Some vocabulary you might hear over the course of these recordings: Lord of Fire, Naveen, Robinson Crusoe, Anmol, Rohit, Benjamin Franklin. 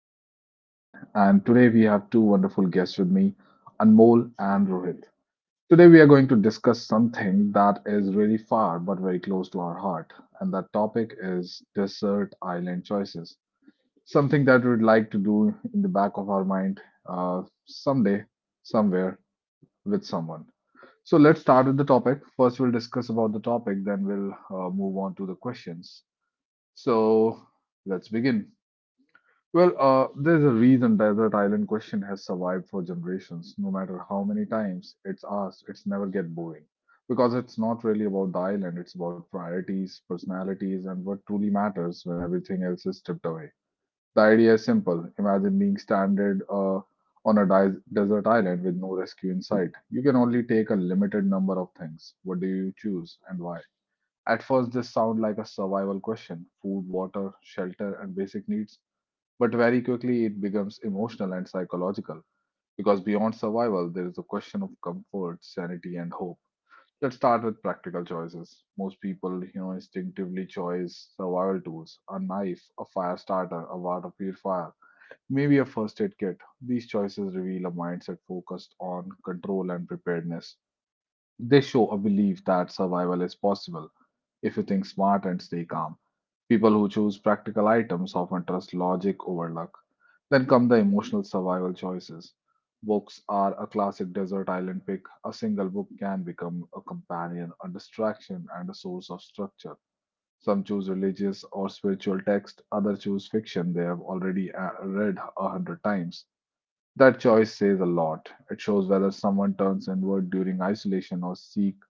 is your host, Naveen, and today we have two wonderful guests with me, Anmol and Rohit. Today, we are going to discuss something that is really far but very close to our heart, and that topic is desert island choices. Something that we'd like to do in the back of our mind someday, somewhere, with someone. So, let's start with the topic. First, we'll discuss about the topic, then, we'll move on to the questions. So, let's begin. Well, there's a reason desert island question has survived for generations. No matter how many times it's asked, it's never get boring. Because it's not really about the island, it's about priorities, personalities, and what truly matters when everything else is stripped away. The idea is simple. Imagine being stranded on a desert island with no rescue in sight. You can only take a limited number of things. What do you choose and why? At first, this sounds like a survival question: food, water, shelter, and basic needs, but very quickly, it becomes emotional and psychological, because beyond survival, there is a question of comfort, sanity, and hope. Let's start with practical choices. Most people, you know, instinctively choose survival tools: a knife, a fire starter, a water purifier, maybe a first aid kit. These choices reveal a mindset focused on control and preparedness. They show a belief that survival is possible if you think smart and stay calm. People who choose practical items often trust logic over luck. Then come the emotional survival choices. Books are a classic desert island pick. A single book can become a companion, a distraction, and a source of structure. Some choose religious or spiritual text, others choose fiction they have already read a hundred times. That choice says a lot. It shows whether someone turns inward during isolation or seeks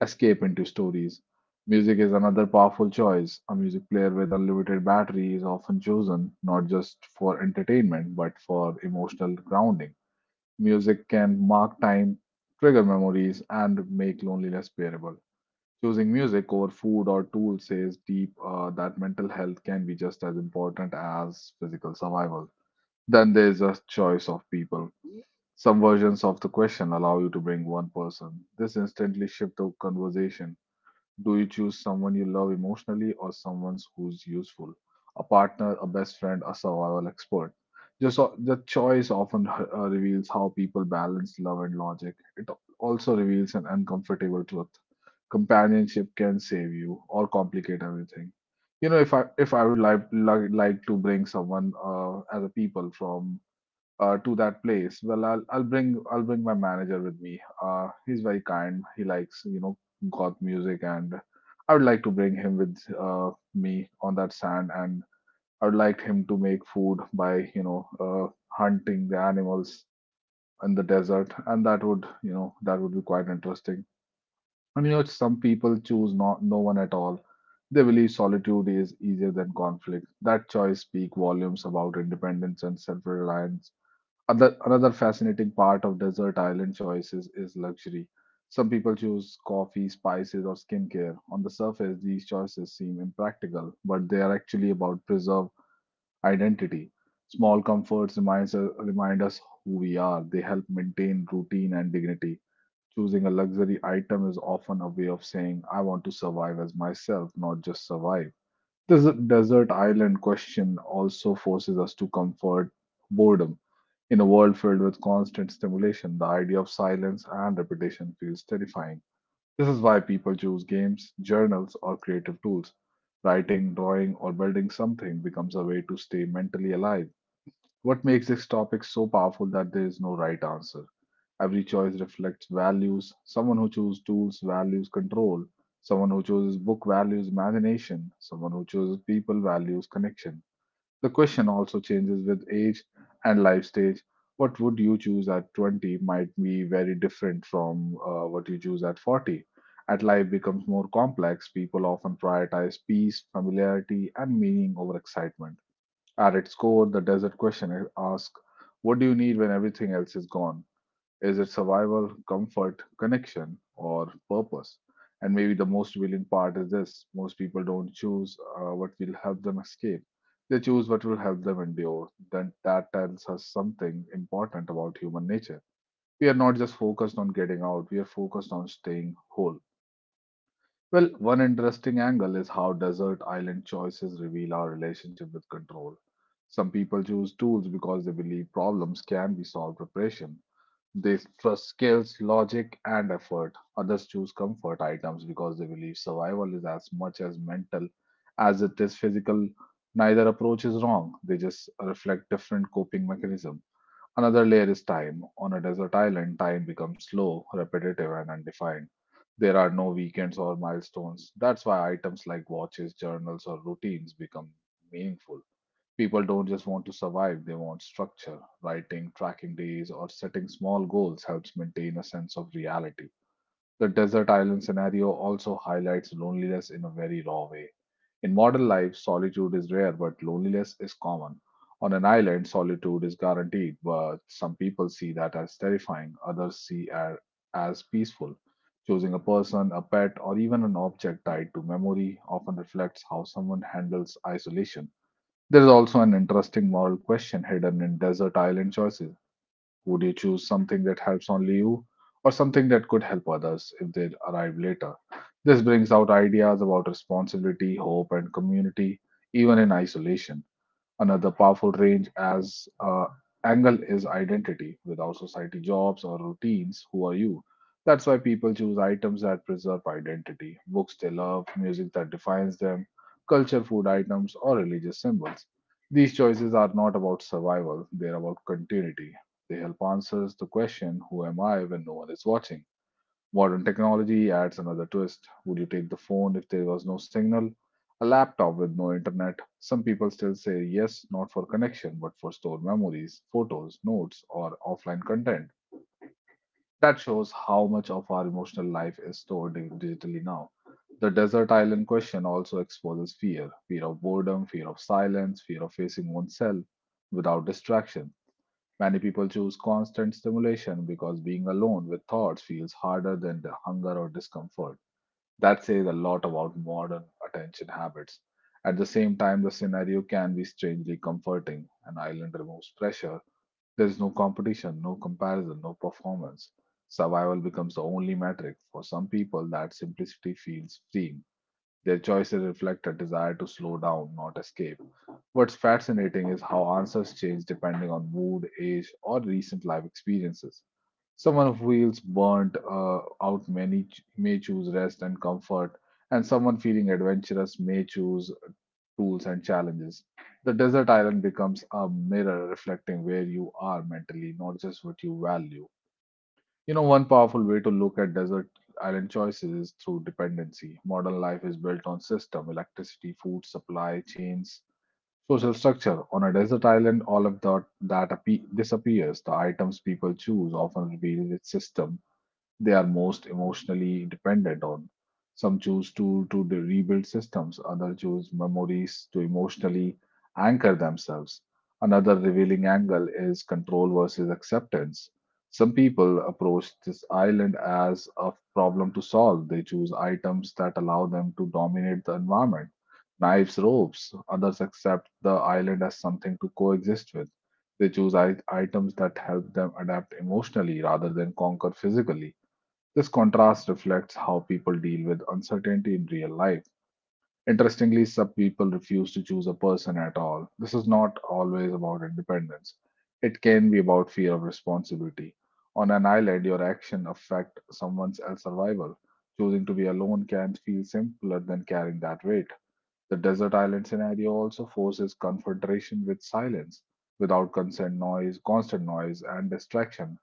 escape into stories. Music is another powerful choice. A music player with unlimited battery is often chosen not just for entertainment but for emotional grounding. Music can mark time, trigger memories, and make loneliness bearable. Choosing music over food or tools says deep that mental health can be just as important as physical survival. Then there's a choice of people. Some versions of the question allow you to bring one person. This instantly shifts the conversation: do you choose someone you love emotionally or someone who's useful? A partner, a best friend, a survival expert. The choice often reveals how people balance love and logic. It also reveals an uncomfortable truth. Companionship can save you or complicate everything. You know, if I would like to bring someone as a people from to that place, well, I'll bring my manager with me. He's very kind. He likes, you know, goth music. And I would like to bring him with me on that sand, and I would like him to make food by, you know, hunting the animals in the desert, and that would be quite interesting. And, you know, some people choose not no one at all. They believe solitude is easier than conflict. That choice speaks volumes about independence and self-reliance. Another fascinating part of desert island choices is luxury. Some people choose coffee, spices, or skincare. On the surface, these choices seem impractical, but they are actually about preserve identity. Small comforts remind us who we are. They help maintain routine and dignity. Choosing a luxury item is often a way of saying, I want to survive as myself, not just survive. This desert island question also forces us to comfort boredom. In a world filled with constant stimulation, the idea of silence and repetition feels terrifying. This is why people choose games, journals, or creative tools. Writing, drawing, or building something becomes a way to stay mentally alive. What makes this topic so powerful that there is no right answer? Every choice reflects values. Someone who chooses tools values control. Someone who chooses book values imagination. Someone who chooses people values connection. The question also changes with age and life stage. What would you choose at 20 might be very different from what you choose at 40. As life becomes more complex, people often prioritize peace, familiarity, and meaning over excitement. At its core, the desert question asks, what do you need when everything else is gone? Is it survival, comfort, connection, or purpose? And maybe the most revealing part is this: most people don't choose what will help them escape. They choose what will help them endure. Then that tells us something important about human nature. We are not just focused on getting out, we are focused on staying whole. Well, one interesting angle is how desert island choices reveal our relationship with control. Some people choose tools because they believe problems can be solved with pressure. They trust skills, logic, and effort. Others choose comfort items because they believe survival is as much as mental as it is physical. Neither approach is wrong, they just reflect different coping mechanism. Another layer is time. On a desert island, time becomes slow, repetitive, and undefined. There are no weekends or milestones. That's why items like watches, journals, or routines become meaningful. People don't just want to survive, they want structure. Writing, tracking days, or setting small goals helps maintain a sense of reality. The desert island scenario also highlights loneliness in a very raw way. In modern life, solitude is rare, but loneliness is common. On an island, solitude is guaranteed, but some people see that as terrifying, others see it as peaceful. Choosing a person, a pet, or even an object tied to memory often reflects how someone handles isolation. There is also an interesting moral question hidden in desert island choices. Would you choose something that helps only you, or something that could help others if they arrive later? This brings out ideas about responsibility, hope, and community, even in isolation. Another powerful range as angle is identity. Without society, jobs, or routines, who are you? That's why people choose items that preserve identity: books they love, music that defines them, culture, food items, or religious symbols. These choices are not about survival, they're about continuity. They help answers the question, who am I when no one is watching? Modern technology adds another twist. Would you take the phone if there was no signal? A laptop with no internet? Some people still say yes, not for connection, but for stored memories, photos, notes, or offline content. That shows how much of our emotional life is stored digitally now. The desert island question also exposes fear: fear of boredom, fear of silence, fear of facing oneself without distraction. Many people choose constant stimulation because being alone with thoughts feels harder than the hunger or discomfort. That says a lot about modern attention habits. At the same time, the scenario can be strangely comforting. An island removes pressure. There is no competition, no comparison, no performance. Survival becomes the only metric. For some people, that simplicity feels freeing. Their choices reflect a desire to slow down, not escape. What's fascinating is how answers change depending on mood, age, or recent life experiences. Someone who feels burnt out may choose rest and comfort, and someone feeling adventurous may choose tools and challenges. The desert island becomes a mirror reflecting where you are mentally, not just what you value. You know, one powerful way to look at desert island choices is through dependency. Modern life is built on system, electricity, food supply chains, social structure. On a desert island, all of that disappears. The items people choose often reveal its system they are most emotionally dependent on. Some choose to rebuild systems, others choose memories to emotionally anchor themselves. Another revealing angle is control versus acceptance. Some people approach this island as a problem to solve. They choose items that allow them to dominate the environment: knives, ropes. Others accept the island as something to coexist with. They choose items that help them adapt emotionally rather than conquer physically. This contrast reflects how people deal with uncertainty in real life. Interestingly, some people refuse to choose a person at all. This is not always about independence. It can be about fear of responsibility. On an island, your actions affect someone else's survival. Choosing to be alone can feel simpler than carrying that weight. The desert island scenario also forces confrontation with silence. Without consent, noise, constant noise, and distraction,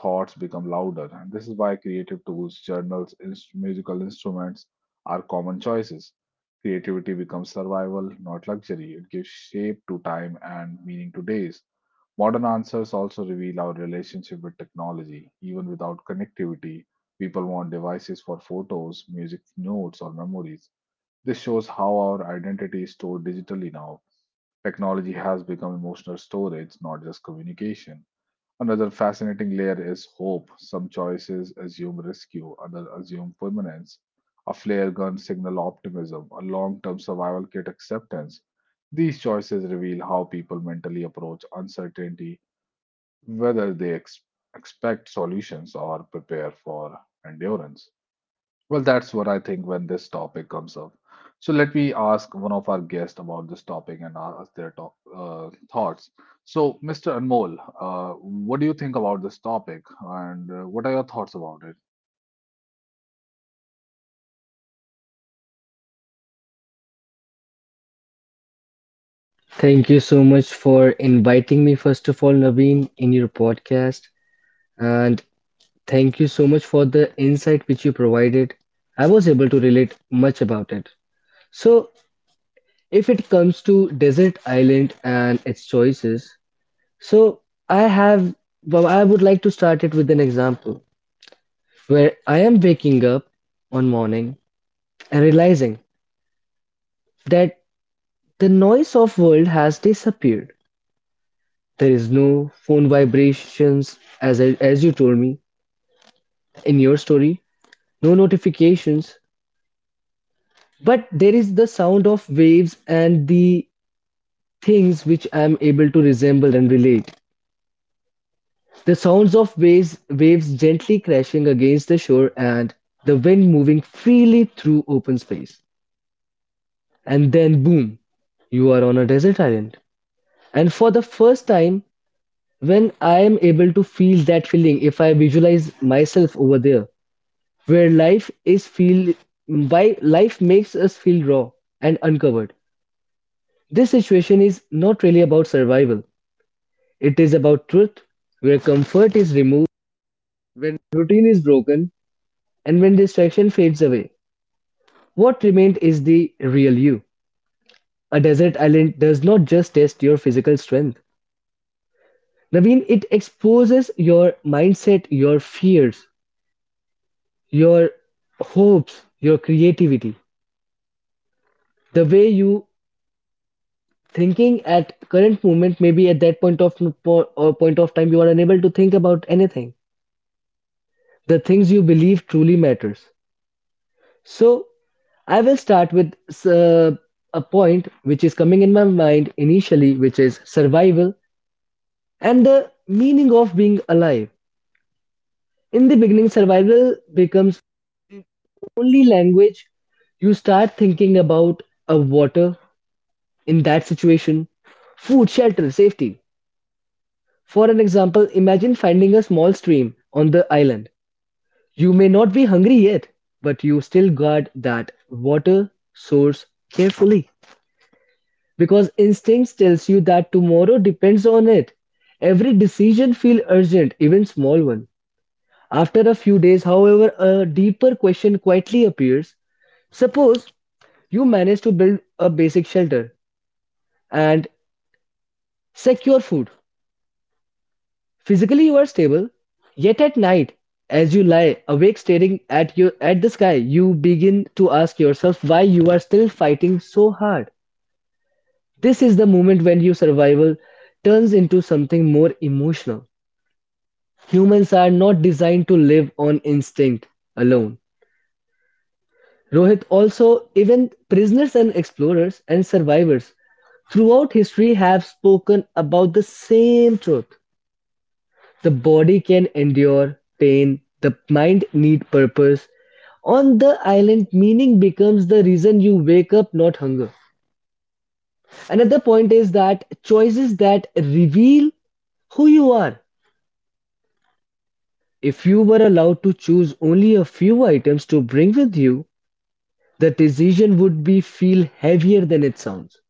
thoughts become louder. And this is why creative tools, journals, musical instruments are common choices. Creativity becomes survival, not luxury. It gives shape to time and meaning to days. Modern answers also reveal our relationship with technology. Even without connectivity, people want devices for photos, music notes, or memories. This shows how our identity is stored digitally now. Technology has become emotional storage, not just communication. Another fascinating layer is hope. Some choices assume rescue, others assume permanence. A flare gun signal optimism, a long term survival kit acceptance. These choices reveal how people mentally approach uncertainty, whether they expect solutions or prepare for endurance. Well, that's what I think when this topic comes up. So let me ask one of our guests about this topic and ask their to thoughts. So, Mr. Anmol, what do you think about this topic and what are your thoughts about it? Thank you so much for inviting me, first of all, Naveen, in your podcast. And thank you so much for the insight which you provided. I was able to relate much about it. So, if it comes to desert island and its choices, so I have, well, I would like to start it with an example where I am waking up one morning and realizing that the noise of world has disappeared. There is no phone vibrations as you told me in your story. No notifications, but there is the sound of waves and the things which I am able to resemble and relate. The sounds of waves gently crashing against the shore and the wind moving freely through open space. And then, boom, you are on a desert island. And for the first time, when I am able to feel that feeling, if I visualize myself over there, where life is feel, why life makes us feel raw and uncovered. This situation is not really about survival. It is about truth, where comfort is removed, when routine is broken, and when distraction fades away. What remained is the real you. A desert island does not just test your physical strength. Naveen, it exposes your mindset, your fears, your hopes, your creativity. The way you thinking at current moment, maybe at that point of or point of time, you are unable to think about anything. The things you believe truly matters. So I will start with uh, a point which is coming in my mind initially, which is survival and the meaning of being alive. In the beginning, survival becomes only language. You start thinking about a water in that situation, food, shelter, safety. For an example, imagine finding a small stream on the island. You may not be hungry yet, but you still guard that water source carefully, because instincts tells you that tomorrow depends on it. Every decision feels urgent, even small one. After a few days, however, a deeper question quietly appears. Suppose you manage to build a basic shelter and secure food. Physically you are stable, yet at night, as you lie awake staring at your at the sky, you begin to ask yourself why you are still fighting so hard. This is the moment when your survival turns into something more emotional. Humans are not designed to live on instinct alone. Rohit, also, even prisoners and explorers and survivors throughout history have spoken about the same truth. The body can endure pain, the mind need purpose. On the island, meaning becomes the reason you wake up, not hunger. Another point is that choices that reveal who you are. If you were allowed to choose only a few items to bring with you, the decision would be feel heavier than it sounds.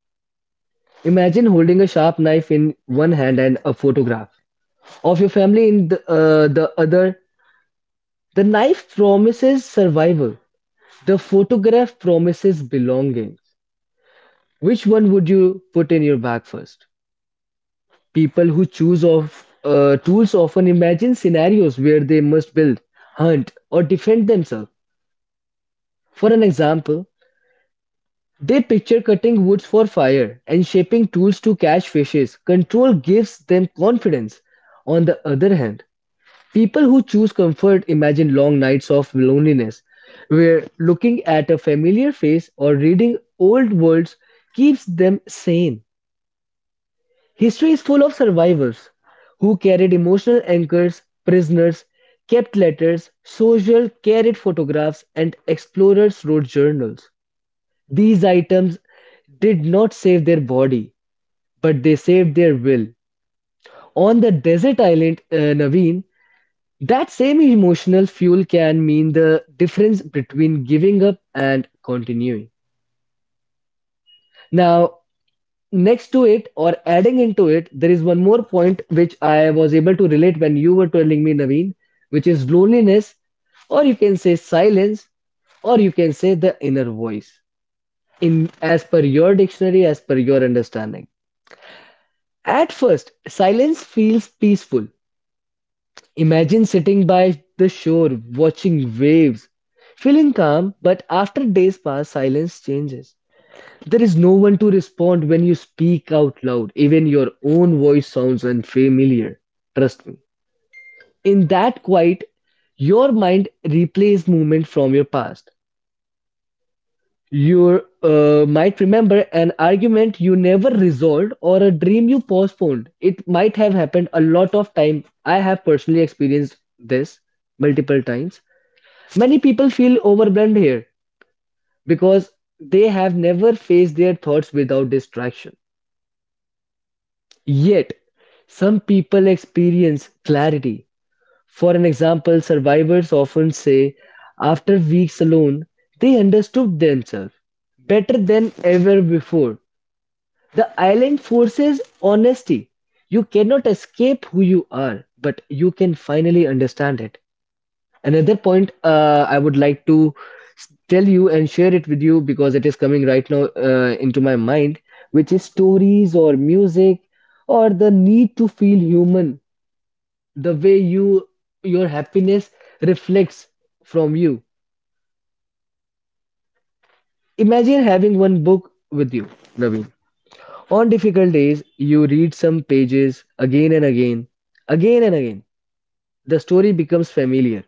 Imagine holding a sharp knife in one hand and a photograph of your family in the other. The knife promises survival. The photograph promises belonging. Which one would you put in your bag first? People who choose of tools often imagine scenarios where they must build, hunt, or defend themselves. For an example, they picture cutting woods for fire and shaping tools to catch fishes. Control gives them confidence. On the other hand, people who choose comfort imagine long nights of loneliness, where looking at a familiar face or reading old words keeps them sane. History is full of survivors who carried emotional anchors, prisoners, kept letters, soldiers carried photographs, and explorers wrote journals. These items did not save their body, but they saved their will. On the desert island, Naveen, that same emotional fuel can mean the difference between giving up and continuing. Now, next to it or adding into it, there is one more point which I was able to relate when you were telling me, Naveen, which is loneliness, or you can say silence, or you can say the inner voice. In as per your dictionary, as per your understanding. At first, silence feels peaceful. Imagine sitting by the shore, watching waves, feeling calm, but after days pass, silence changes. There is no one to respond when you speak out loud. Even your own voice sounds unfamiliar. Trust me. In that quiet, your mind replays movement from your past. You might remember an argument you never resolved or a dream you postponed. It might have happened a lot of time. I have personally experienced this multiple times. Many people feel overwhelmed here because they have never faced their thoughts without distraction. Yet, some people experience clarity. For an example, survivors often say after weeks alone, they understood themselves better than ever before. The island forces honesty. You cannot escape who you are, but you can finally understand it. Another point I would like to tell you and share it with you because it is coming right now into my mind, which is stories or music or the need to feel human, the way you your happiness reflects from you. Imagine having one book with you, Naveen. On difficult days, you read some pages again and again, again and again. The story becomes familiar.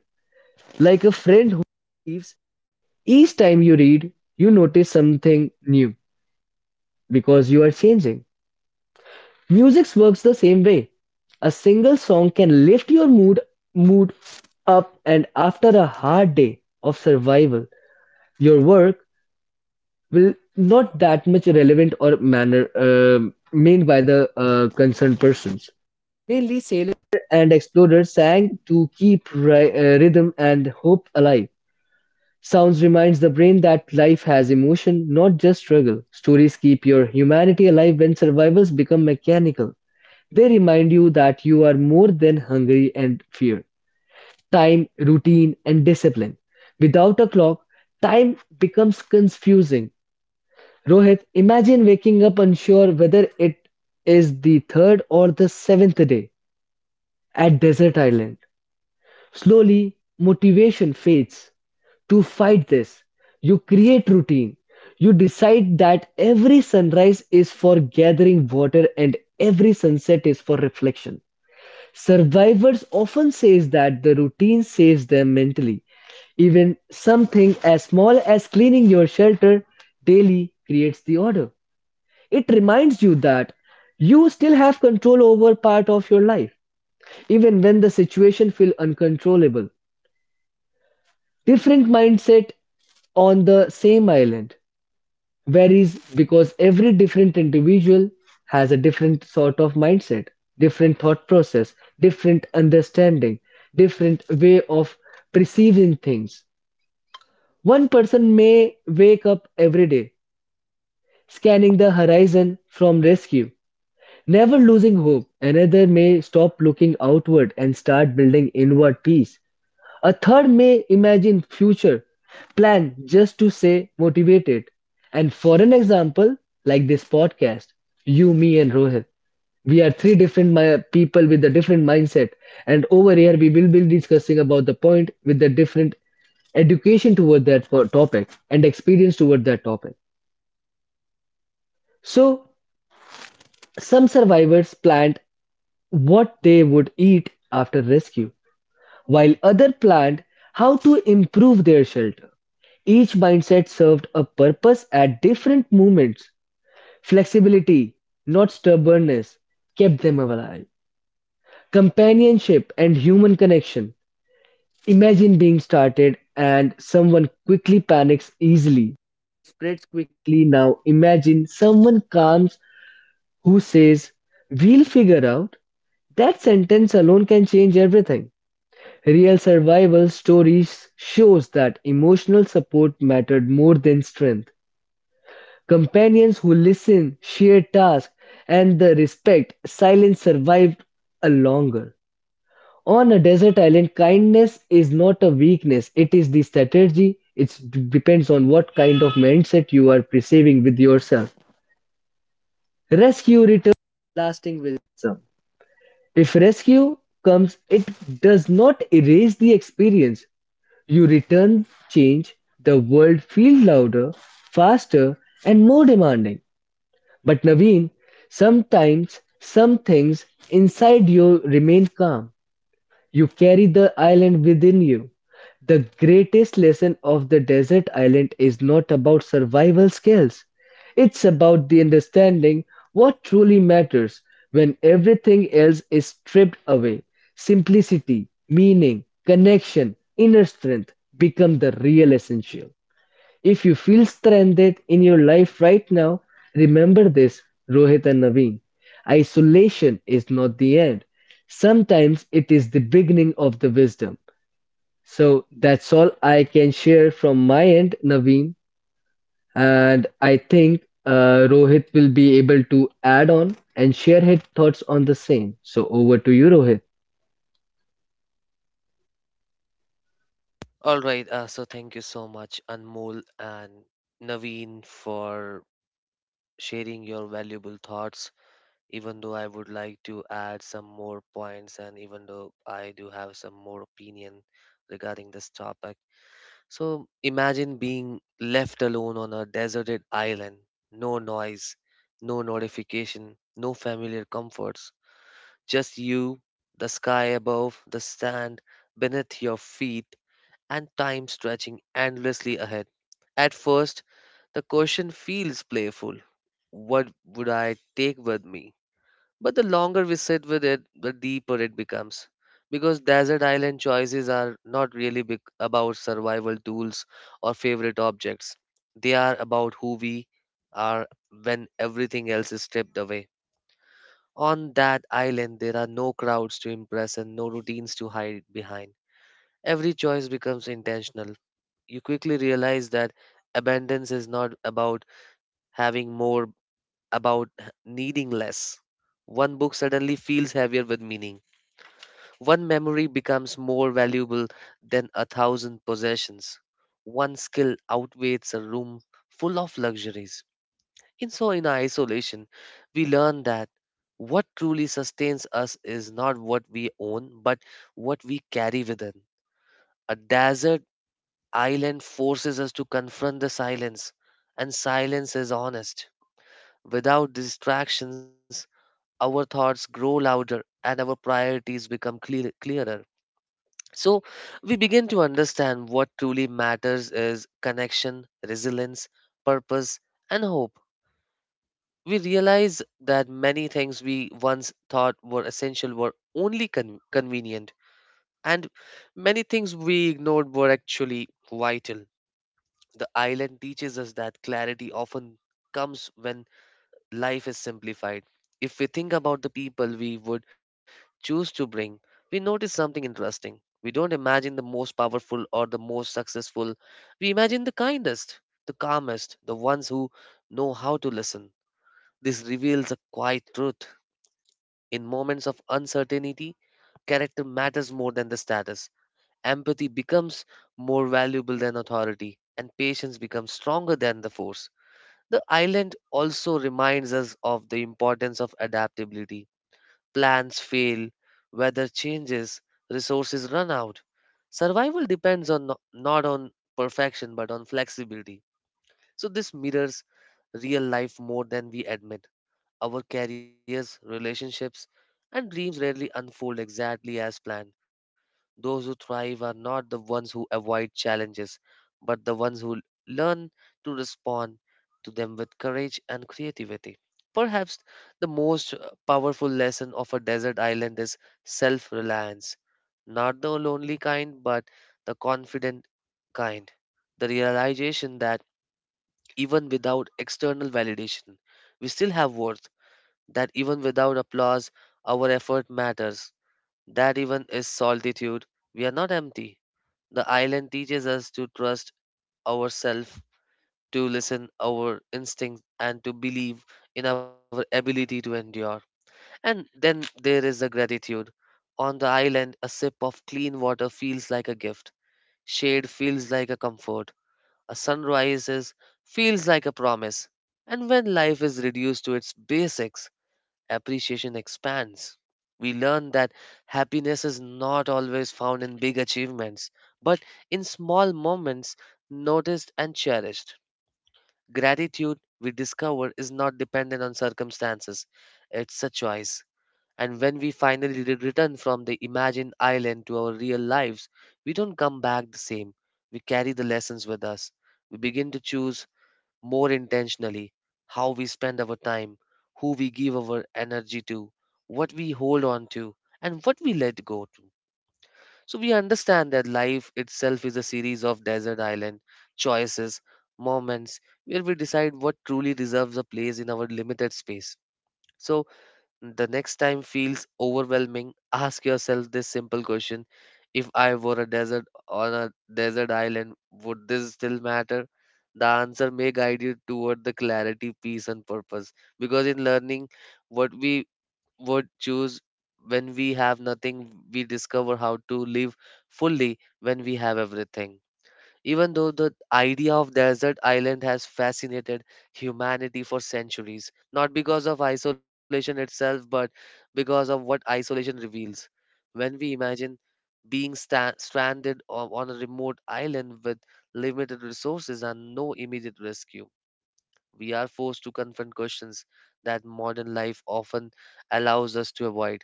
Like a friend who leaves, each time you read, you notice something new because you are changing. Music works the same way. A single song can lift your mood up, and after a hard day of survival, your work will not that much relevant or manner made by the concerned persons. Mainly sailors and explorers sang to keep rhythm and hope alive. Sounds reminds the brain that life has emotion, not just struggle. Stories keep your humanity alive when survivals become mechanical. They remind you that you are more than hungry and fear. Time, routine, and discipline. Without a clock, time becomes confusing. Rohit, imagine waking up unsure whether it is the third or the seventh day at Desert Island. Slowly, motivation fades. To fight this, you create routine. You decide that every sunrise is for gathering water and every sunset is for reflection. Survivors often says that the routine saves them mentally. Even something as small as cleaning your shelter daily creates the order. It reminds you that you still have control over part of your life even when the situation feels uncontrollable. Different mindset on the same island varies because every different individual has a different sort of mindset, different thought process, different understanding, different way of perceiving things. One person may wake up every day scanning the horizon from rescue, never losing hope, another may stop looking outward and start building inward peace. A third may imagine future plan just to stay motivated. And for an example, like this podcast, you, me, and Rohit, we are three different people with a different mindset. And over here, we will be discussing about the point with the different education toward that topic and experience toward that topic. So, some survivors plant what they would eat after rescue, while others planned how to improve their shelter. Each mindset served a purpose at different moments. Flexibility, not stubbornness, kept them alive. Companionship and human connection. Imagine being started and someone quickly panics easily, spreads quickly. Now imagine someone comes who says, "We'll figure out." That sentence alone can change everything. Real survival stories shows that emotional support mattered more than strength. Companions who listen, share tasks, and the respect silence survived a longer. On a desert island, kindness is not a weakness, it is the strategy. It depends on what kind of mindset you are perceiving with yourself. Rescue returns lasting wisdom. If rescue comes, it does not erase the experience. You return change, the world feels louder, faster, and more demanding. But Naveen, sometimes some things inside you remain calm. You carry the island within you. The greatest lesson of the desert island is not about survival skills. It's about the understanding what truly matters when everything else is stripped away. Simplicity, meaning, connection, inner strength become the real essential. If you feel stranded in your life right now, remember this, Rohit and Naveen. Isolation is not the end. Sometimes it is the beginning of the wisdom. So that's all I can share from my end, Naveen. And I think Rohit will be able to add on and share his thoughts on the same. So over to you, Rohit. All right, so thank you so much, Anmol and Naveen, for sharing your valuable thoughts. Even though I would like to add some more points, and even though I do have some more opinion regarding this topic. So, imagine being left alone on a deserted island, no noise, no notification, no familiar comforts, just you, the sky above, the sand beneath your feet and time stretching endlessly ahead. At first, the question feels playful, what would I take with me? But the longer we sit with it, the deeper it becomes. Because desert island choices are not really big about survival tools or favorite objects. They are about who we are when everything else is stripped away. On that island, there are no crowds to impress and no routines to hide behind. Every choice becomes intentional. You quickly realize that abundance is not about having more, needing less. One book suddenly feels heavier with meaning. One memory becomes more valuable than a thousand possessions. One skill outweighs a room full of luxuries. And so, in our isolation, we learn that what truly sustains us is not what we own, but what we carry within. A desert island forces us to confront the silence, and silence is honest. Without distractions, our thoughts grow louder and our priorities become clearer. So, we begin to understand what truly matters is connection, resilience, purpose, and hope. We realize that many things we once thought were essential were only convenient, and many things we ignored were actually vital. The island teaches us that clarity often comes when life is simplified. If we think about the people we would choose to bring, we notice something interesting. We don't imagine the most powerful or the most successful. We imagine the kindest, the calmest, the ones who know how to listen. This reveals a quiet truth. In moments of uncertainty, character matters more than the status. Empathy becomes more valuable than authority, and patience becomes stronger than the force. The island also reminds us of the importance of adaptability. Plans fail, weather changes, resources run out. Survival depends on no- not on perfection but on flexibility. So this mirrors real life more than we admit. Our careers, relationships, and dreams rarely unfold exactly as planned. Those who thrive are not the ones who avoid challenges, but the ones learn to respond to them with courage and creativity. Perhaps the most powerful lesson of a desert island is self reliance. Not the lonely kind, but the confident kind. The realization that even without external validation, we still have worth, that even without applause, our effort matters, that even is solitude. We are not empty. The island teaches us to trust ourselves, to listen our instincts, and to believe in our ability to endure. And then there is the gratitude. On the island, a sip of clean water feels like a gift. Shade feels like a comfort. A feels like a promise. And when life is reduced to its basics, appreciation expands. We learn that happiness is not always found in big achievements, but in small moments noticed and cherished. Gratitude, we discover, is not dependent on circumstances, it's a choice. And when we finally return from the imagined island to our real lives, we don't come back the same. We carry the lessons with us. We begin to choose more intentionally how we spend our time, who we give our energy to, what we hold on to, and what we let go to. So we understand that life itself is a series of desert island choices, moments where we decide what truly deserves a place in our limited space. So the next time feels overwhelming, ask yourself this simple question. If I were a desert on a desert island, would this still matter? The answer may guide you toward the clarity, peace and purpose. Because in learning what we would choose when we have nothing, we discover how to live fully when we have everything. Even though the idea of desert island has fascinated humanity for centuries, not because of isolation itself, but because of what isolation reveals. When we imagine being stranded on a remote island with limited resources and no immediate rescue, we are forced to confront questions that modern life often allows us to avoid.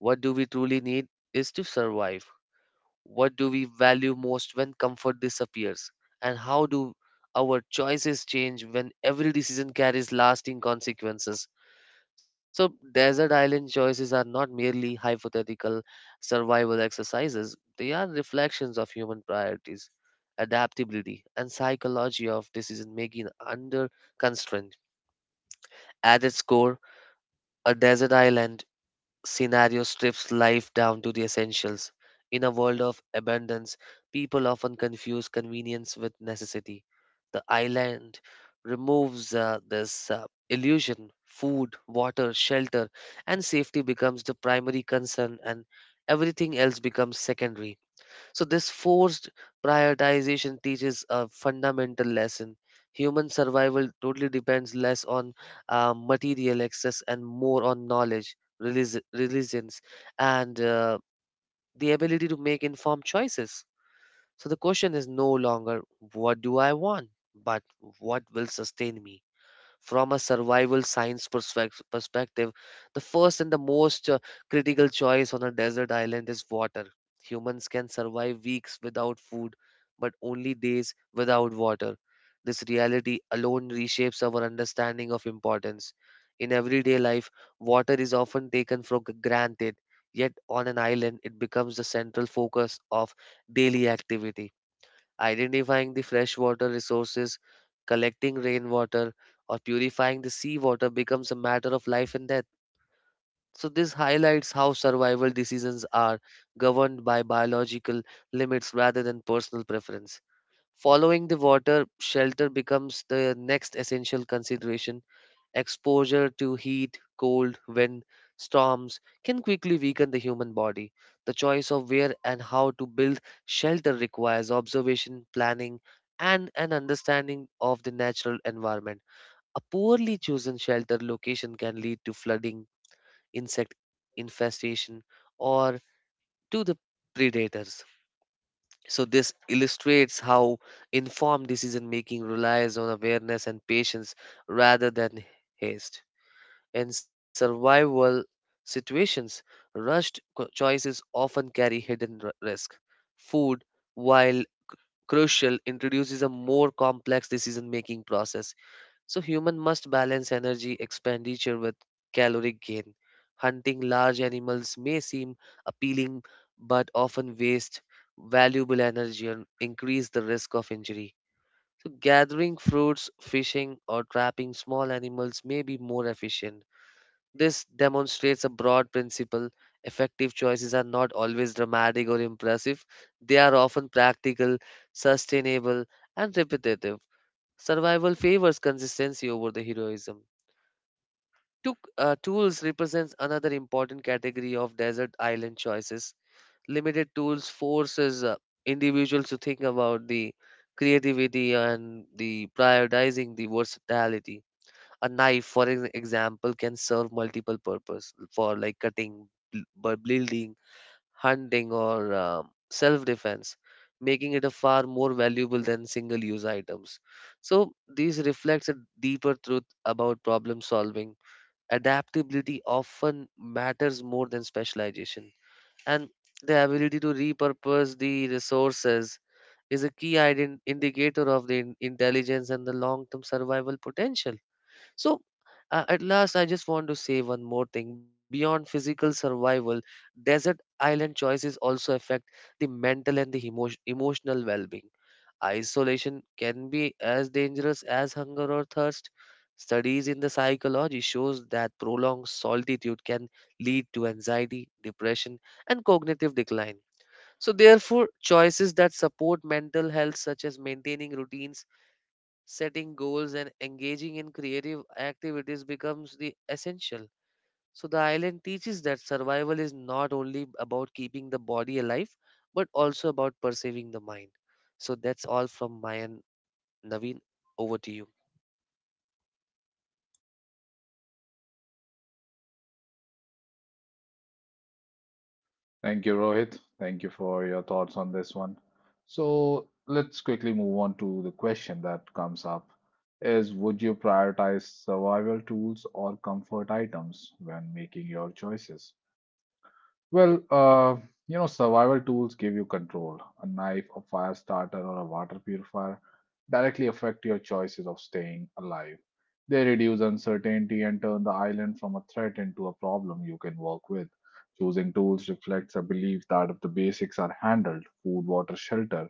What do we truly need is to survive? What do we value most when comfort disappears? And how do our choices change when every decision carries lasting consequences? So, desert island choices are not merely hypothetical survival exercises, they are reflections of human priorities, adaptability, and psychology of decision making under constraint. At its core, a desert island scenario strips life down to the essentials. In a world of abundance, people often confuse convenience with necessity. The island removes this illusion. Food, water, shelter, and safety becomes the primary concern, and everything else becomes secondary. So, this forced prioritization teaches a fundamental lesson. Human survival totally depends less on material access and more on knowledge, religions, and the ability to make informed choices. So, the question is no longer what do I want, but what will sustain me? From a survival science perspective, the first and the most critical choice on a desert island is water. Humans can survive weeks without food, but only days without water. This reality alone reshapes our understanding of importance. In everyday life, water is often taken for granted, yet on an island, it becomes the central focus of daily activity, identifying the freshwater resources, collecting rainwater, or purifying the seawater becomes a matter of life and death. So, this highlights how survival decisions are governed by biological limits rather than personal preference. Following the water, shelter becomes the next essential consideration. Exposure to heat, cold, wind, storms can quickly weaken the human body. The choice of where and how to build shelter requires observation, planning, and an understanding of the natural environment. A poorly chosen shelter location can lead to flooding, insect infestation, or to the predators. So, this illustrates how informed decision making relies on awareness and patience rather than haste. In survival situations, rushed choices often carry hidden risk. Food, while crucial, introduces a more complex decision making process. So, human must balance energy expenditure with caloric gain. Hunting large animals may seem appealing but often waste valuable energy and increase the risk of injury. So, gathering fruits, fishing, or trapping small animals may be more efficient. This demonstrates a broad principle. Effective choices are not always dramatic or impressive, they are often practical, sustainable, and repetitive. Survival favors consistency over the heroism. Tools represents another important category of desert island choices. Limited tools forces individuals to think about the creativity and the prioritizing the versatility. A knife for an example can serve multiple purpose for like cutting, building, hunting, or self-defense, making it a far more valuable than single-use items. So these reflects a deeper truth about problem solving. Adaptability often matters more than specialization, and the ability to repurpose the resources is a key indicator of the intelligence and the long-term survival potential. So, at last, I just want to say one more thing. Beyond physical survival, desert island choices also affect the mental and the emotional well being. Isolation can be as dangerous as hunger or thirst. Studies in the psychology shows that prolonged solitude can lead to anxiety, depression, and cognitive decline. So therefore, choices that support mental health such as maintaining routines, setting goals and engaging in creative activities becomes the essential. So the island teaches that survival is not only about keeping the body alive but also about preserving the mind. So that's all from my end, Naveen. Over to you. Thank you, Rohit. Thank you for your thoughts on this one. So let's quickly move on to the question that comes up is, would you prioritize survival tools or comfort items when making your choices? Well, uh, Survival tools give you control. A knife, a fire starter, or a water purifier directly affect your choices of staying alive. They reduce uncertainty and turn the island from a threat into a problem you can work with. Choosing tools reflects a belief that if the basics are handled, food, water, shelter,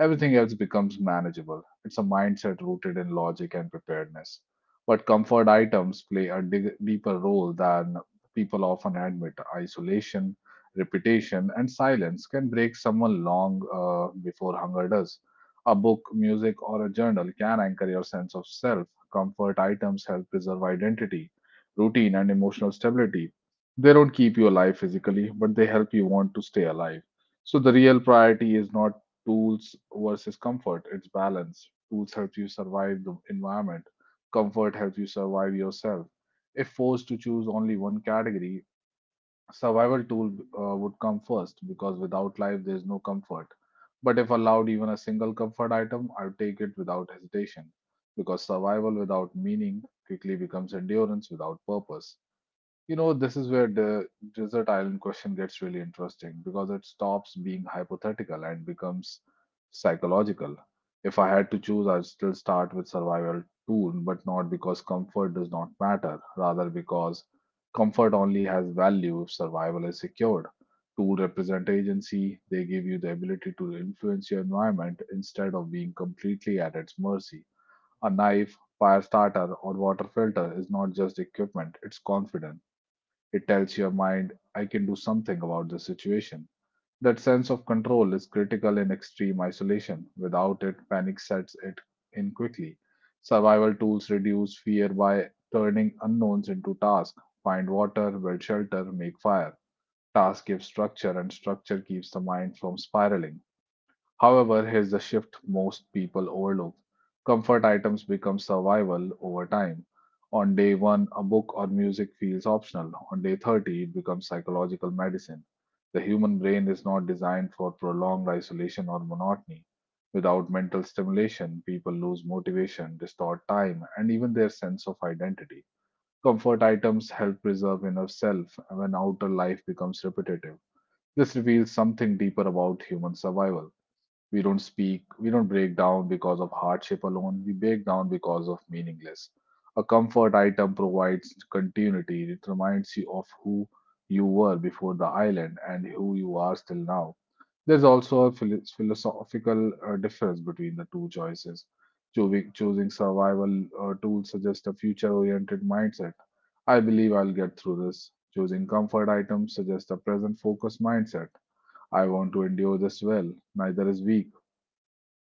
everything else becomes manageable. It's a mindset rooted in logic and preparedness. But comfort items play a deeper role than people often admit. Isolation, repetition, and silence can break someone long before hunger does. A book, music, or a journal can anchor your sense of self. Comfort items help preserve identity, routine, and emotional stability. They don't keep you alive physically, but they help you want to stay alive. So the real priority is not tools versus comfort, it's balance. Tools help you survive the environment, comfort helps you survive yourself. If forced to choose only one category, survival tool would come first because without life there is no comfort. But if allowed even a single comfort item, I would take it without hesitation because survival without meaning quickly becomes endurance without purpose. You know, this is where the desert island question gets really interesting because it stops being hypothetical and becomes psychological. If I had to choose, I'd still start with survival tool, but not because comfort does not matter, rather because comfort only has value if survival is secured. Tool represent agency, they give you the ability to influence your environment instead of being completely at its mercy. A knife, fire starter, or water filter is not just equipment, it's confidence. It tells your mind, I can do something about the situation. That sense of control is critical in extreme isolation. Without it, panic sets it in quickly. Survival tools reduce fear by turning unknowns into tasks. Find water, build shelter, make fire. Task gives structure, and structure keeps the mind from spiraling. However, here's the shift most people overlook. Comfort items become survival over time. On day one, a book or music feels optional. On day 30, it becomes psychological medicine. The human brain is not designed for prolonged isolation or monotony. Without mental stimulation, people lose motivation, distort time, and even their sense of identity. Comfort items help preserve inner self when outer life becomes repetitive. This reveals something deeper about human survival. We don't speak, we don't break down because of hardship alone, we break down because of meaningless. A comfort item provides continuity, it reminds you of who you were before the island and who you are still now. There's also a philosophical difference between the two choices. Choosing survival tools suggests a future oriented mindset. I believe I'll get through this. Choosing comfort items suggests a present focused mindset. I want to endure this well. Neither is weak.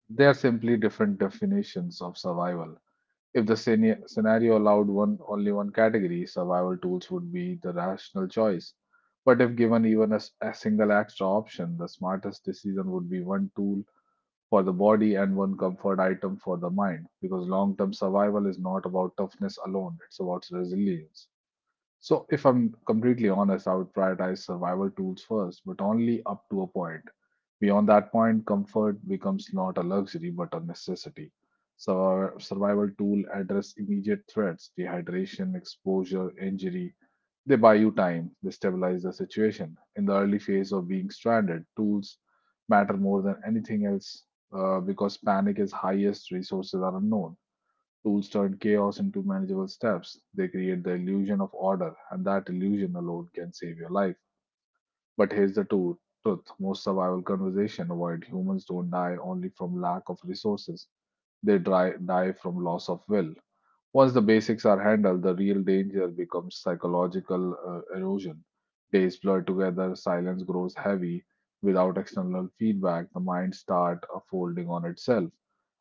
They are simply different definitions of survival. If the scenario allowed one only one category, survival tools would be the rational choice. But if given even a single extra option, the smartest decision would be one tool for the body and one comfort item for the mind. Because long term survival is not about toughness alone, it's about resilience. So, if I'm completely honest, I would prioritize survival tools first, but only up to a point. Beyond that point, comfort becomes not a luxury but a necessity. So, our survival tool address immediate threats, dehydration, exposure, injury. They buy you time, they stabilize the situation. In the early phase of being stranded, tools matter more than anything else because panic is highest, resources are unknown. Tools turn chaos into manageable steps. They create the illusion of order, and that illusion alone can save your life. But here's the truth. Truth. Most survival conversation avoid humans don't die only from lack of resources. They die from loss of will. Once the basics are handled, the real danger becomes psychological erosion. Days blur together, silence grows heavy. Without external feedback, the mind starts folding on itself.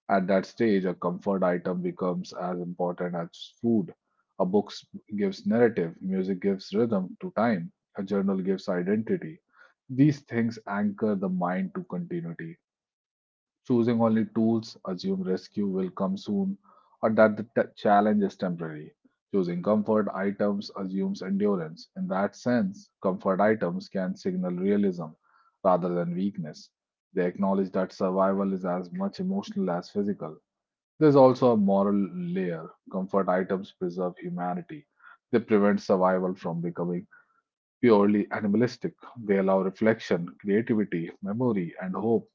At that stage, a comfort item becomes as important as food. A book gives narrative, music gives rhythm to time, a journal gives identity. These things anchor the mind to continuity. Choosing only tools, assume rescue will come soon, or that the challenge is temporary. Choosing comfort items assumes endurance. In that sense, comfort items can signal realism rather than weakness. They acknowledge that survival is as much emotional as physical. There's also a moral layer. Comfort items preserve humanity. They prevent survival from becoming purely animalistic. They allow reflection, creativity, memory, and hope.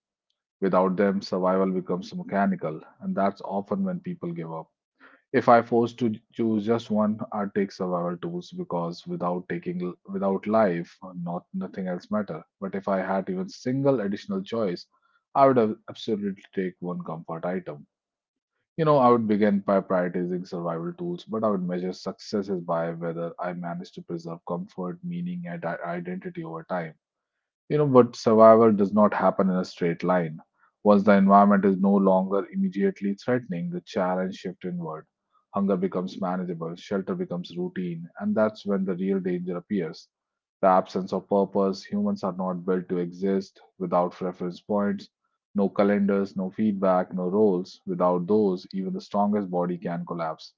Without them, survival becomes mechanical, and that's often when people give up. If I forced to choose just one, I'd take survival tools because without taking without life, not nothing else matter. But if I had even single additional choice, I would have absolutely take one comfort item. You know, I would begin by prioritizing survival tools, but I would measure successes by whether I managed to preserve comfort, meaning, and identity over time. You know, but survival does not happen in a straight line. Once the environment is no longer immediately threatening, the challenge shifts inward. Hunger becomes manageable, shelter becomes routine, and that's when the real danger appears. The absence of purpose, humans are not built to exist without reference points, no calendars, no feedback, no roles. Without those, even the strongest body can collapse.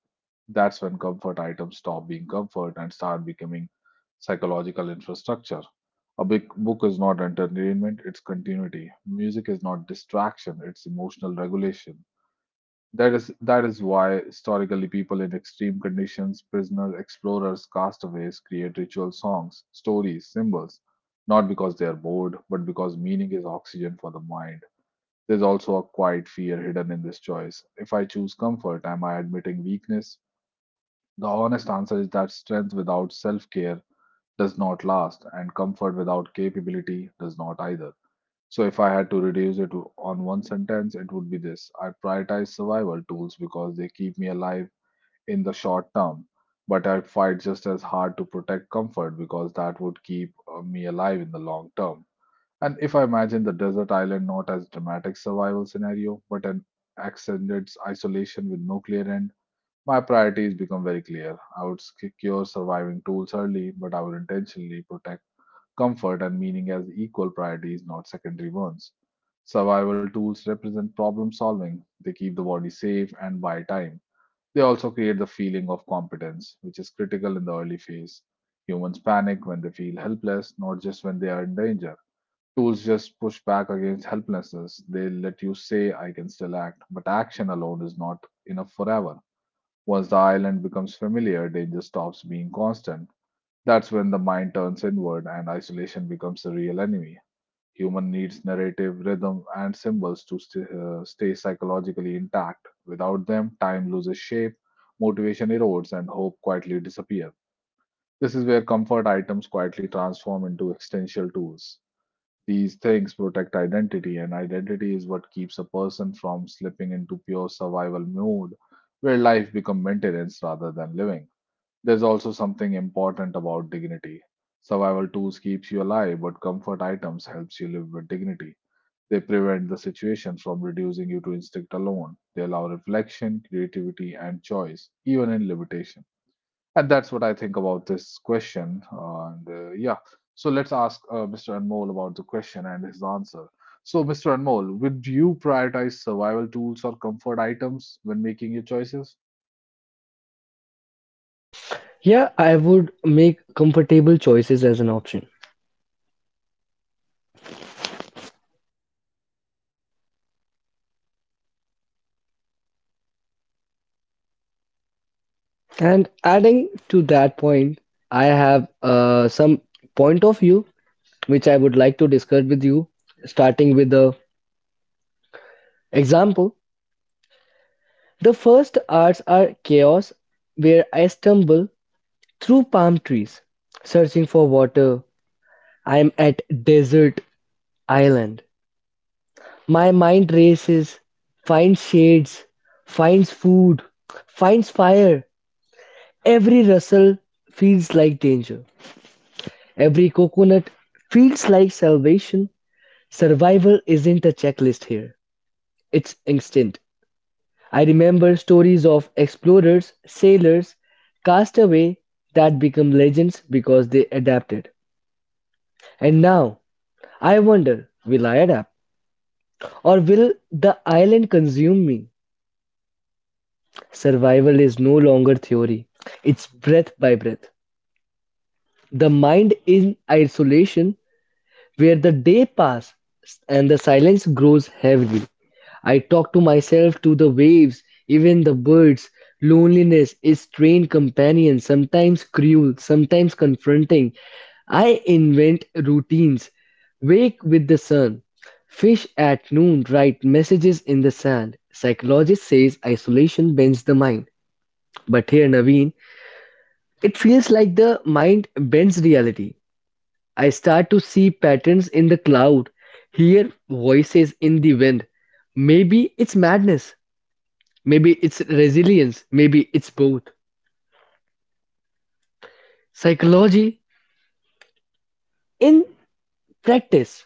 That's when comfort items stop being comfort and start becoming psychological infrastructure. A big book is not entertainment, it's continuity. Music is not distraction, it's emotional regulation. That is why historically people in extreme conditions, prisoners, explorers, castaways create ritual songs, stories, symbols, not because they are bored, but because meaning is oxygen for the mind. There's also a quiet fear hidden in this choice. If I choose comfort, am I admitting weakness? The honest answer is that strength without self-care does not last, and comfort without capability does not either. So if I had to reduce it on one sentence, it would be this. I prioritize survival tools because they keep me alive in the short term, but I fight just as hard to protect comfort because that would keep me alive in the long term. And if I imagine the desert island not as dramatic survival scenario, but an extended isolation with no clear end, my priorities become very clear. I would secure surviving tools early, but I would intentionally protect comfort and meaning as equal priorities, not secondary ones. Survival tools represent problem solving. They keep the body safe and buy time. They also create the feeling of competence, which is critical in the early phase. Humans panic when they feel helpless, not just when they are in danger. Tools just push back against helplessness. They let you say, I can still act, but action alone is not enough forever. Once the island becomes familiar, danger stops being constant. That's when the mind turns inward and isolation becomes the real enemy. Human needs narrative, rhythm, and symbols to stay psychologically intact. Without them, time loses shape, motivation erodes, and hope quietly disappears. This is where comfort items quietly transform into existential tools. These things protect identity, and identity is what keeps a person from slipping into pure survival mode, where life becomes maintenance rather than living. There's also something important about dignity. Survival tools keeps you alive, but comfort items helps you live with dignity. They prevent the situation from reducing you to instinct alone. They allow reflection, creativity, and choice, even in limitation. And that's what I think about this question. And Yeah, so let's ask Mr. Anmol about the question and his answer. So, Mr. Anmol, would you prioritize survival tools or comfort items when making your choices? Yeah, I would make comfortable choices as an option. And adding to that point, I have some point of view which I would like to discuss with you, starting with the example. The first arts are chaos, where I stumble through palm trees, searching for water. I am at desert island. My mind races, finds shades, finds food, finds fire. Every rustle feels like danger. Every coconut feels like salvation. Survival isn't a checklist here, it's instinct. I remember stories of explorers, sailors, castaway that become legends because they adapted. And now, I wonder, will I adapt? Or will the island consume me? Survival is no longer theory, it's breath by breath. The mind in isolation, where the day passes and the silence grows heavy. I talk to myself, to the waves, even the birds. Loneliness is strained companion, sometimes cruel, sometimes confronting. I invent routines. Wake with the sun. Fish at noon, write messages in the sand. Psychologist says isolation bends the mind. But here, Naveen, it feels like the mind bends reality. I start to see patterns in the cloud, hear voices in the wind. Maybe it's madness, maybe it's resilience, maybe it's both. Psychology in practice.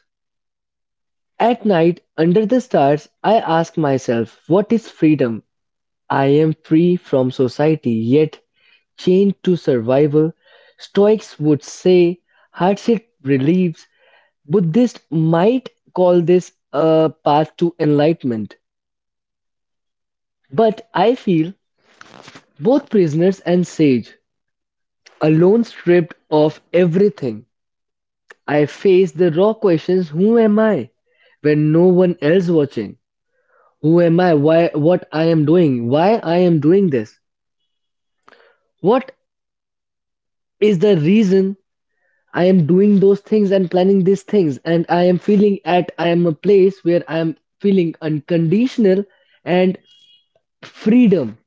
At night, under the stars, I ask myself, what is freedom? I am free from society, yet chained to survival. Stoics would say hardship relieves. Buddhists might call this a path to enlightenment. But I feel both prisoners and sage. Alone, stripped of everything, I face the raw questions: who am I when no one else watching? Who am I? Why what I am doing? Why I am doing this? What is the reason I am doing those things and planning these things, and I am feeling at I am a place where I am feeling unconditional and freedom,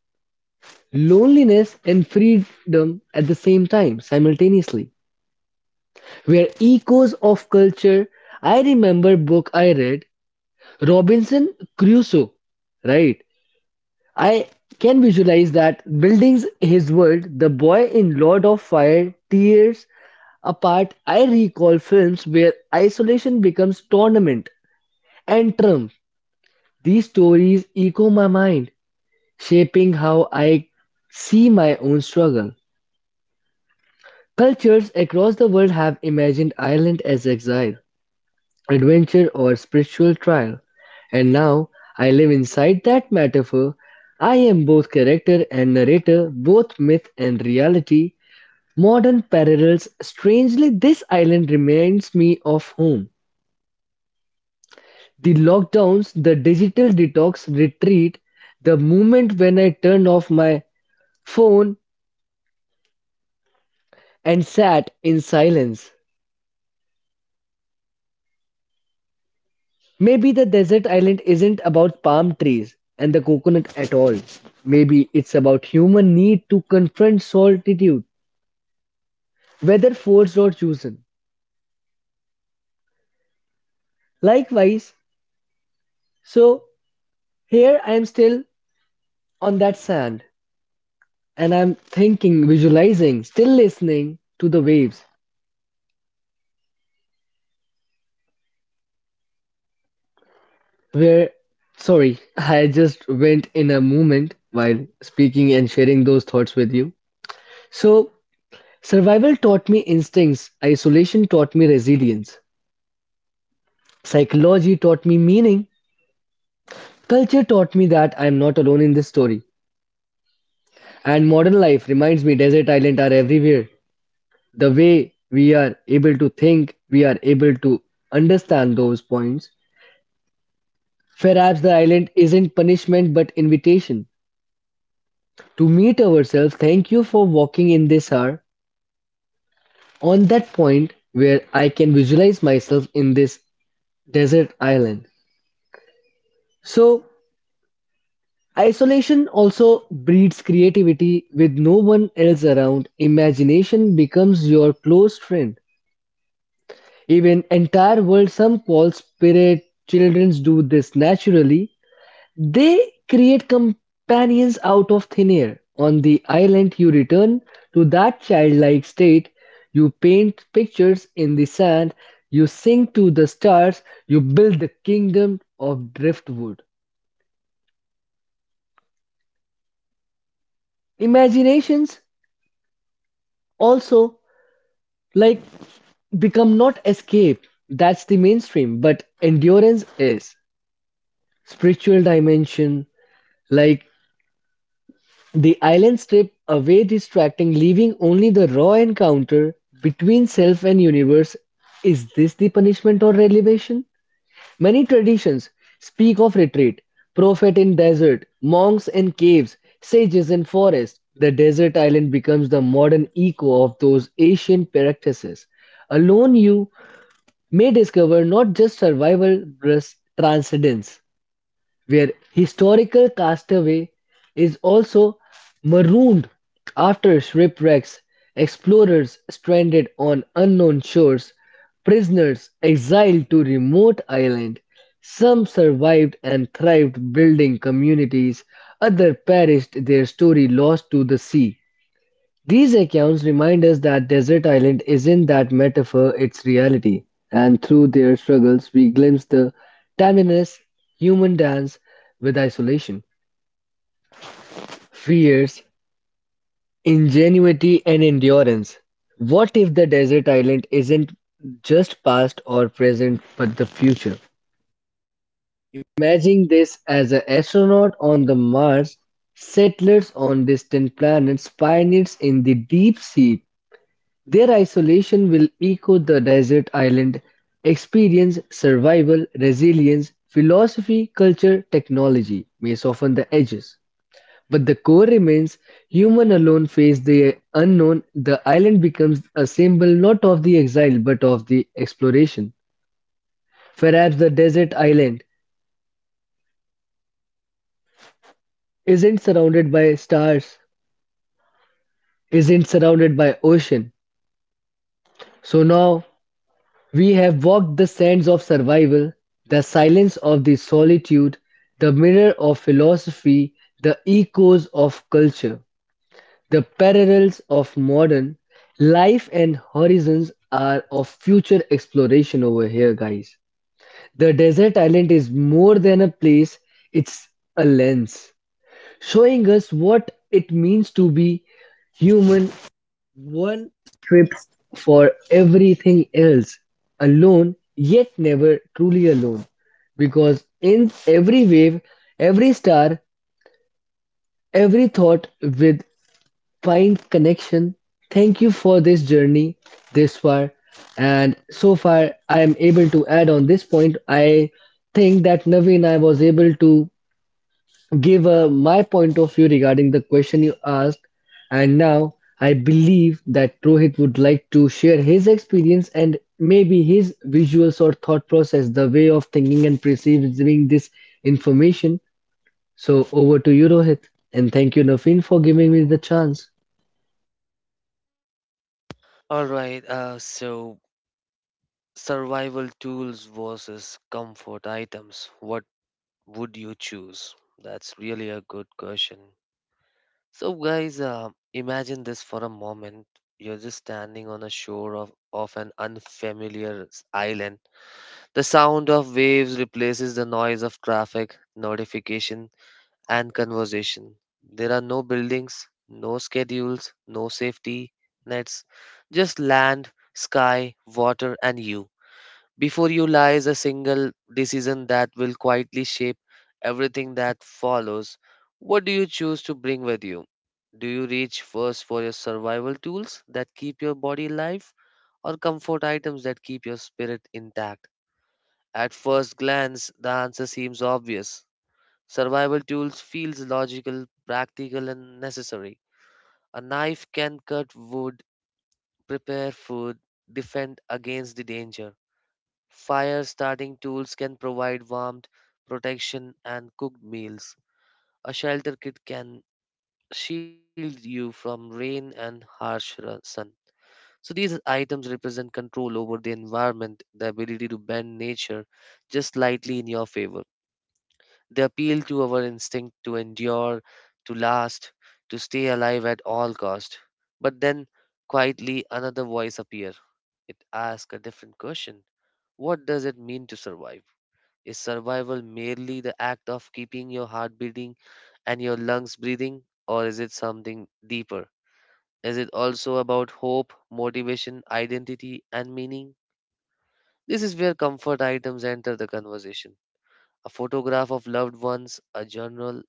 loneliness and freedom at the same time simultaneously. Were echoes of culture. I remember book I read, Robinson Crusoe, right? I can visualize that buildings his world, the boy in Lord of Fire, tears apart. I recall films where isolation becomes tournament and trump. These stories echo my mind, shaping how I see my own struggle. Cultures across the world have imagined Ireland as exile, adventure or spiritual trial. And now I live inside that metaphor. I am both character and narrator, both myth and reality. Modern parallels, strangely, this island reminds me of home. The lockdowns, the digital detox retreat, the moment when I turned off my phone and sat in silence. Maybe the desert island isn't about palm trees and the coconut at all. Maybe it's about human need to confront solitude, whether forced or chosen. Likewise, so here I am, still on that sand, and I'm thinking, visualizing, still listening to the waves. Where, sorry, I just went in a moment while speaking and sharing those thoughts with you. So, survival taught me instincts, isolation taught me resilience. Psychology taught me meaning. Culture taught me that I am not alone in this story. And modern life reminds me desert islands are everywhere. The way we are able to think, we are able to understand those points. Perhaps the island isn't punishment but invitation to meet ourselves. Thank you for walking in this hour on that point where I can visualize myself in this desert island. So, isolation also breeds creativity. With no one else around, imagination becomes your close friend. Even entire world some call spirit, childrens do this naturally. They create companions out of thin air. On the island, you return to that childlike state. You paint pictures in the sand, you sing to the stars, you build the kingdom of driftwood. Imaginations also like become not escape, that's the mainstream, but endurance is spiritual dimension. like the island strip away distracting, leaving only the raw encounter between self and universe. Is this the punishment or elevation? Many traditions speak of retreat: prophet in desert, monks in caves, sages in forest. The desert island becomes the modern echo of those ancient practices. Alone, you may discover not just survival but transcendence, where historical castaway is also marooned after shipwrecks, explorers stranded on unknown shores, prisoners exiled to remote island. Some survived and thrived, building communities. Others perished, their story lost to the sea. These accounts remind us that Desert Island isn't that metaphor, it's reality. And through their struggles, we glimpse the timeless human dance with isolation, fears, ingenuity, and endurance. What if the desert island isn't just past or present, but the future? Imagine this as an astronaut on the Mars, settlers on distant planets, pioneers in the deep sea. Their isolation will echo the desert island experience. Survival, resilience, philosophy, culture, technology may soften the edges. But the core remains human alone face the unknown. The island becomes a symbol not of the exile but of the exploration. Perhaps the desert island isn't surrounded by stars, isn't surrounded by ocean. So now, we have walked the sands of survival, the silence of the solitude, the mirror of philosophy, the echoes of culture, the parallels of modern life, and horizons are of future exploration over here, guys. The desert island is more than a place, it's a lens showing us what it means to be human, one strips for everything else, alone, yet never truly alone. Because in every wave, every star, every thought with fine connection, thank you for this journey this far. And so far, I am able to add on this point. I think that Naveen, I was able to give my point of view regarding the question you asked. And now I believe that Rohit would like to share his experience and maybe his visuals or thought process, the way of thinking and perceiving this information. So over to you, Rohit. And thank you, Nafeen, for giving me the chance. All right, so survival tools versus comfort items, what would you choose? That's really a good question. So, guys, imagine this for a moment. You're just standing on a shore of an unfamiliar island. The sound of waves replaces the noise of traffic, notification, and conversation. There are no buildings, no schedules, no safety nets, just land, sky, water, and you. Before you lies a single decision that will quietly shape everything that follows. What do you choose to bring with you? Do you reach first for your survival tools that keep your body alive or comfort items that keep your spirit intact? At first glance, the answer seems obvious. Survival tools feels logical, practical and necessary. A knife can cut wood, prepare food, defend against the danger. Fire starting tools can provide warmth, protection, and cooked meals. A shelter kit can shield you from rain and harsh sun. So, these items represent control over the environment, the ability to bend nature just slightly in your favor. They appeal to our instinct to endure, to last, to stay alive at all cost. But then, quietly, another voice appears. It asks a different question. What does it mean to survive? Is survival merely the act of keeping your heart beating and your lungs breathing, or is it something deeper? Is it also about hope, motivation, identity, and meaning? This is where comfort items enter the conversation. A photograph of loved ones, a journal,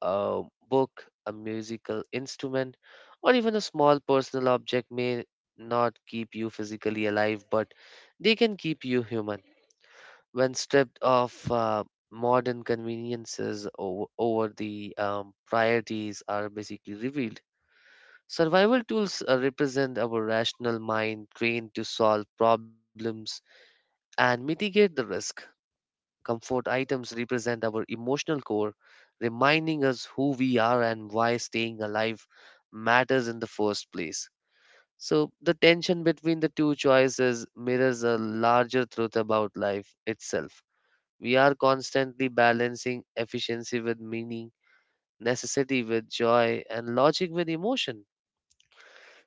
a book, a musical instrument, or even a small personal object may not keep you physically alive, but they can keep you human when stripped of modern conveniences. Over the priorities are basically revealed. Survival tools represent our rational mind trained to solve problems and mitigate the risk. Comfort items represent our emotional core, reminding us who we are and why staying alive matters in the first place. So, the tension between the two choices mirrors a larger truth about life itself. We are constantly balancing efficiency with meaning, necessity with joy, and logic with emotion.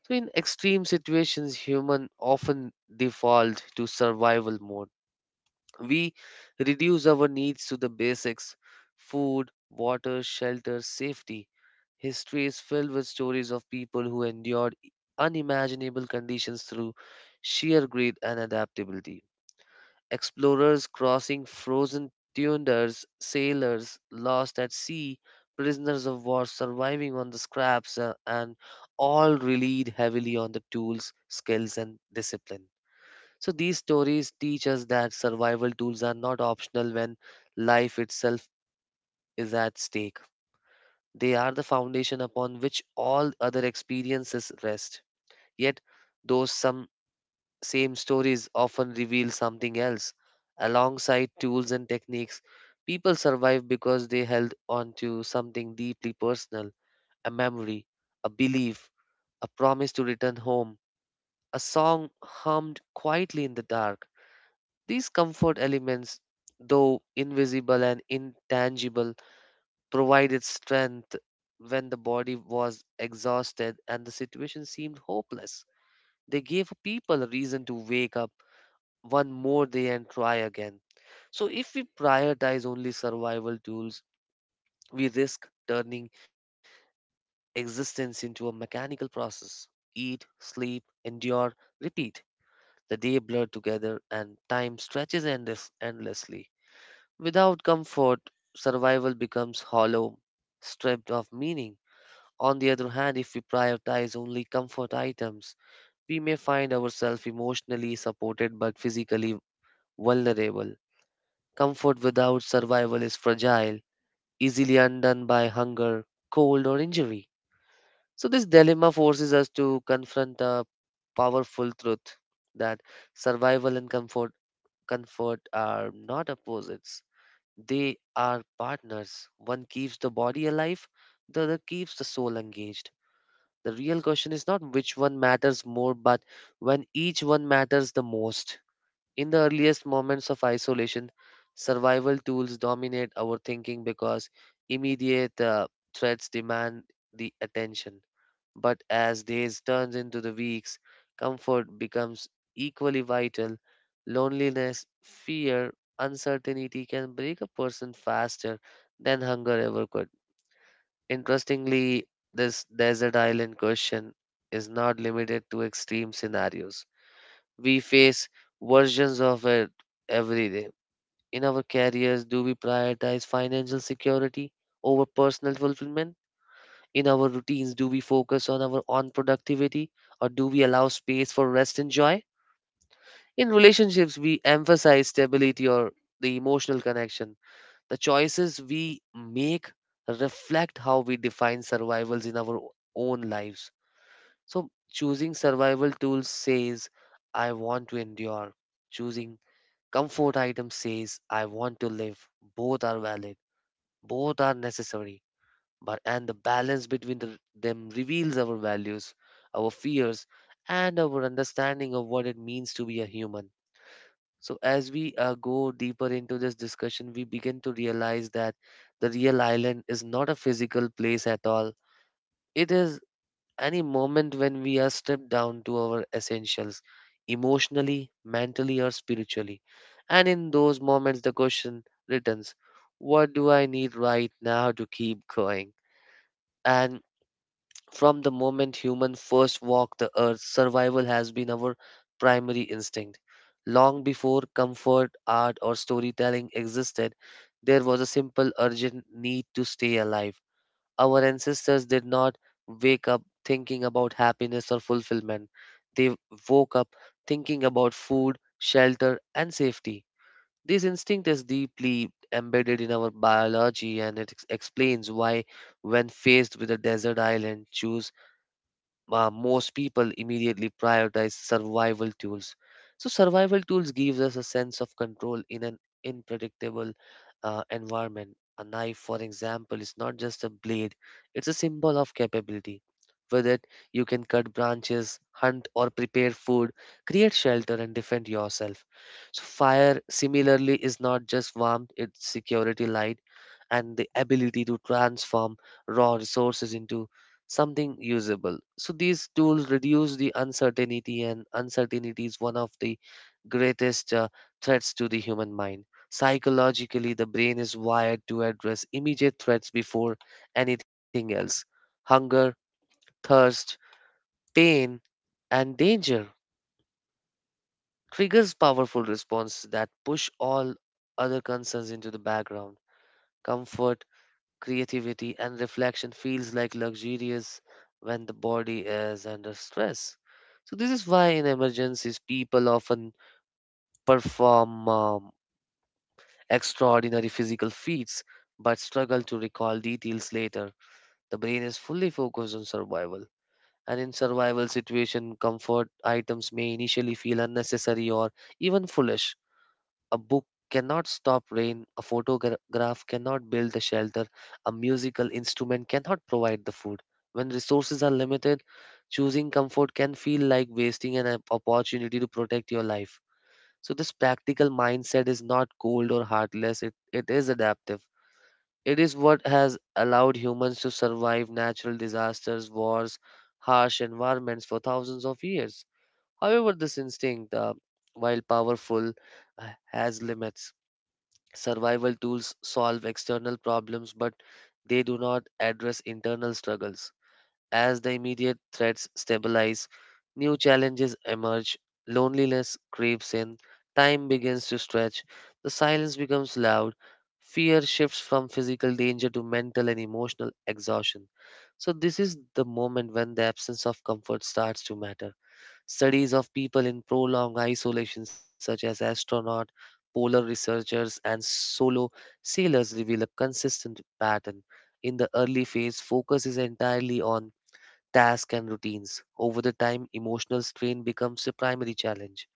So, in extreme situations, human often default to survival mode. We reduce our needs to the basics: food, water, shelter, safety. History is filled with stories of people who endured unimaginable conditions through sheer greed and adaptability. Explorers crossing frozen tundras, sailors lost at sea, prisoners of war surviving on the scraps, and all relied heavily on the tools, skills, and discipline. So these stories teach us that survival tools are not optional when life itself is at stake. They are the foundation upon which all other experiences rest. Yet, though some same stories often reveal something else. Alongside tools and techniques, people survive because they held on to something deeply personal: a memory, a belief, a promise to return home, a song hummed quietly in the dark. These comfort elements, though invisible and intangible, provided strength when the body was exhausted and the situation seemed hopeless. They gave people a reason to wake up one more day and try again. So, if we prioritize only survival tools, we risk turning existence into a mechanical process: eat, sleep, endure, repeat. The day blurred together and time stretches endlessly. Without comfort, survival becomes hollow, stripped of meaning. On the other hand, if we prioritize only comfort items, we may find ourselves emotionally supported but physically vulnerable. Comfort without survival is fragile, easily undone by hunger, cold, or injury. So, this dilemma forces us to confront a powerful truth: that survival and comfort are not opposites, they are partners. One keeps the body alive, the other keeps the soul engaged. The real question is not which one matters more, but when each one matters the most. In the earliest moments of isolation, survival tools dominate our thinking because immediate threats demand the attention. But as days turns into the weeks, comfort becomes equally vital. Loneliness, fear, uncertainty can break a person faster than hunger ever could. Interestingly, this desert island question is not limited to extreme scenarios. We face versions of it every day. In our careers, do we prioritize financial security over personal fulfillment? In our routines, do we focus on our own productivity or do we allow space for rest and joy? In relationships, we emphasize stability or the emotional connection. The choices we make reflect how we define survivals in our own lives. So, choosing survival tools says, I want to endure. Choosing comfort item says, I want to live. Both are valid, both are necessary, but and the balance between them reveals our values, our fears, and our understanding of what it means to be a human. So, as we go deeper into this discussion, we begin to realize that the real island is not a physical place at all. It is any moment when we are stripped down to our essentials, emotionally, mentally, or spiritually. And in those moments, the question returns. What do I need right now to keep going? And from the moment human first walked the earth, survival has been our primary instinct. Long before comfort, art, or storytelling existed, there was a simple, urgent need to stay alive. Our ancestors did not wake up thinking about happiness or fulfillment. They woke up thinking about food, shelter, and safety. This instinct is deeply embedded in our biology and it explains why, when faced with a desert island, choose most people immediately prioritize survival tools. So survival tools gives us a sense of control in an unpredictable environment. A knife, for example, is not just a blade; it's a symbol of capability. With it, you can cut branches, hunt or prepare food, create shelter, and defend yourself. So fire, similarly, is not just warmth; it's security light, and the ability to transform raw resources into something usable. So these tools reduce the uncertainty, and uncertainty is one of the greatest threats to the human mind. Psychologically, the brain is wired to address immediate threats before anything else. Hunger, thirst, pain, and danger triggers powerful responses that push all other concerns into the background. Comfort, creativity and reflection feels like luxurious when the body is under stress. So this is why in emergencies people often perform extraordinary physical feats but struggle to recall details later. The brain is fully focused on survival. And in survival situation comfort items may initially feel unnecessary or even foolish. A book cannot stop rain, a photograph cannot build the shelter, a musical instrument cannot provide the food. When resources are limited, choosing comfort can feel like wasting an opportunity to protect your life. So, this practical mindset is not cold or heartless, it is adaptive. It is what has allowed humans to survive natural disasters, wars, harsh environments for thousands of years. However, this instinct, while powerful, uh, has limits. Survival tools solve external problems, but they do not address internal struggles. As the immediate threats stabilize, new challenges emerge, loneliness creeps in, time begins to stretch, the silence becomes loud, fear shifts from physical danger to mental and emotional exhaustion. So, this is the moment when the absence of comfort starts to matter. Studies of people in prolonged isolation, such as astronaut, polar researchers, and solo sailors, reveal a consistent pattern. In the early phase, focus is entirely on tasks and routines. Over the time, emotional strain becomes a primary challenge.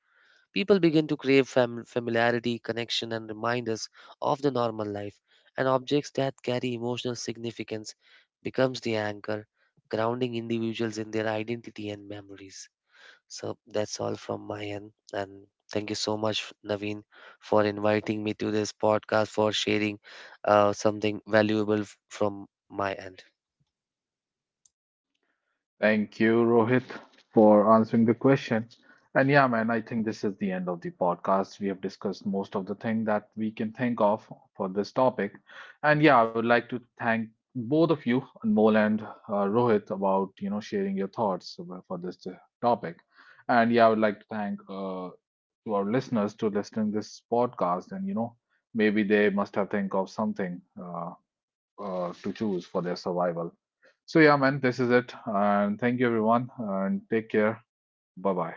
People begin to crave familiarity, connection, and reminders of the normal life, and objects that carry emotional significance becomes the anchor, grounding individuals in their identity and memories. So that's all from my end. And thank you so much, Naveen, for inviting me to this podcast, for sharing something valuable from my end. Thank you, Rohit, for answering the question. And yeah, man, I think this is the end of the podcast. We have discussed most of the thing that we can think of for this topic. And yeah, I would like to thank both of you, Anmol and Rohit, about you know sharing your thoughts about- for this topic. And yeah, I would like to thank to our listeners to listening this podcast. And you know, maybe they must have think of something to choose for their survival. So yeah, man, this is it. And thank you everyone and take care. Bye bye.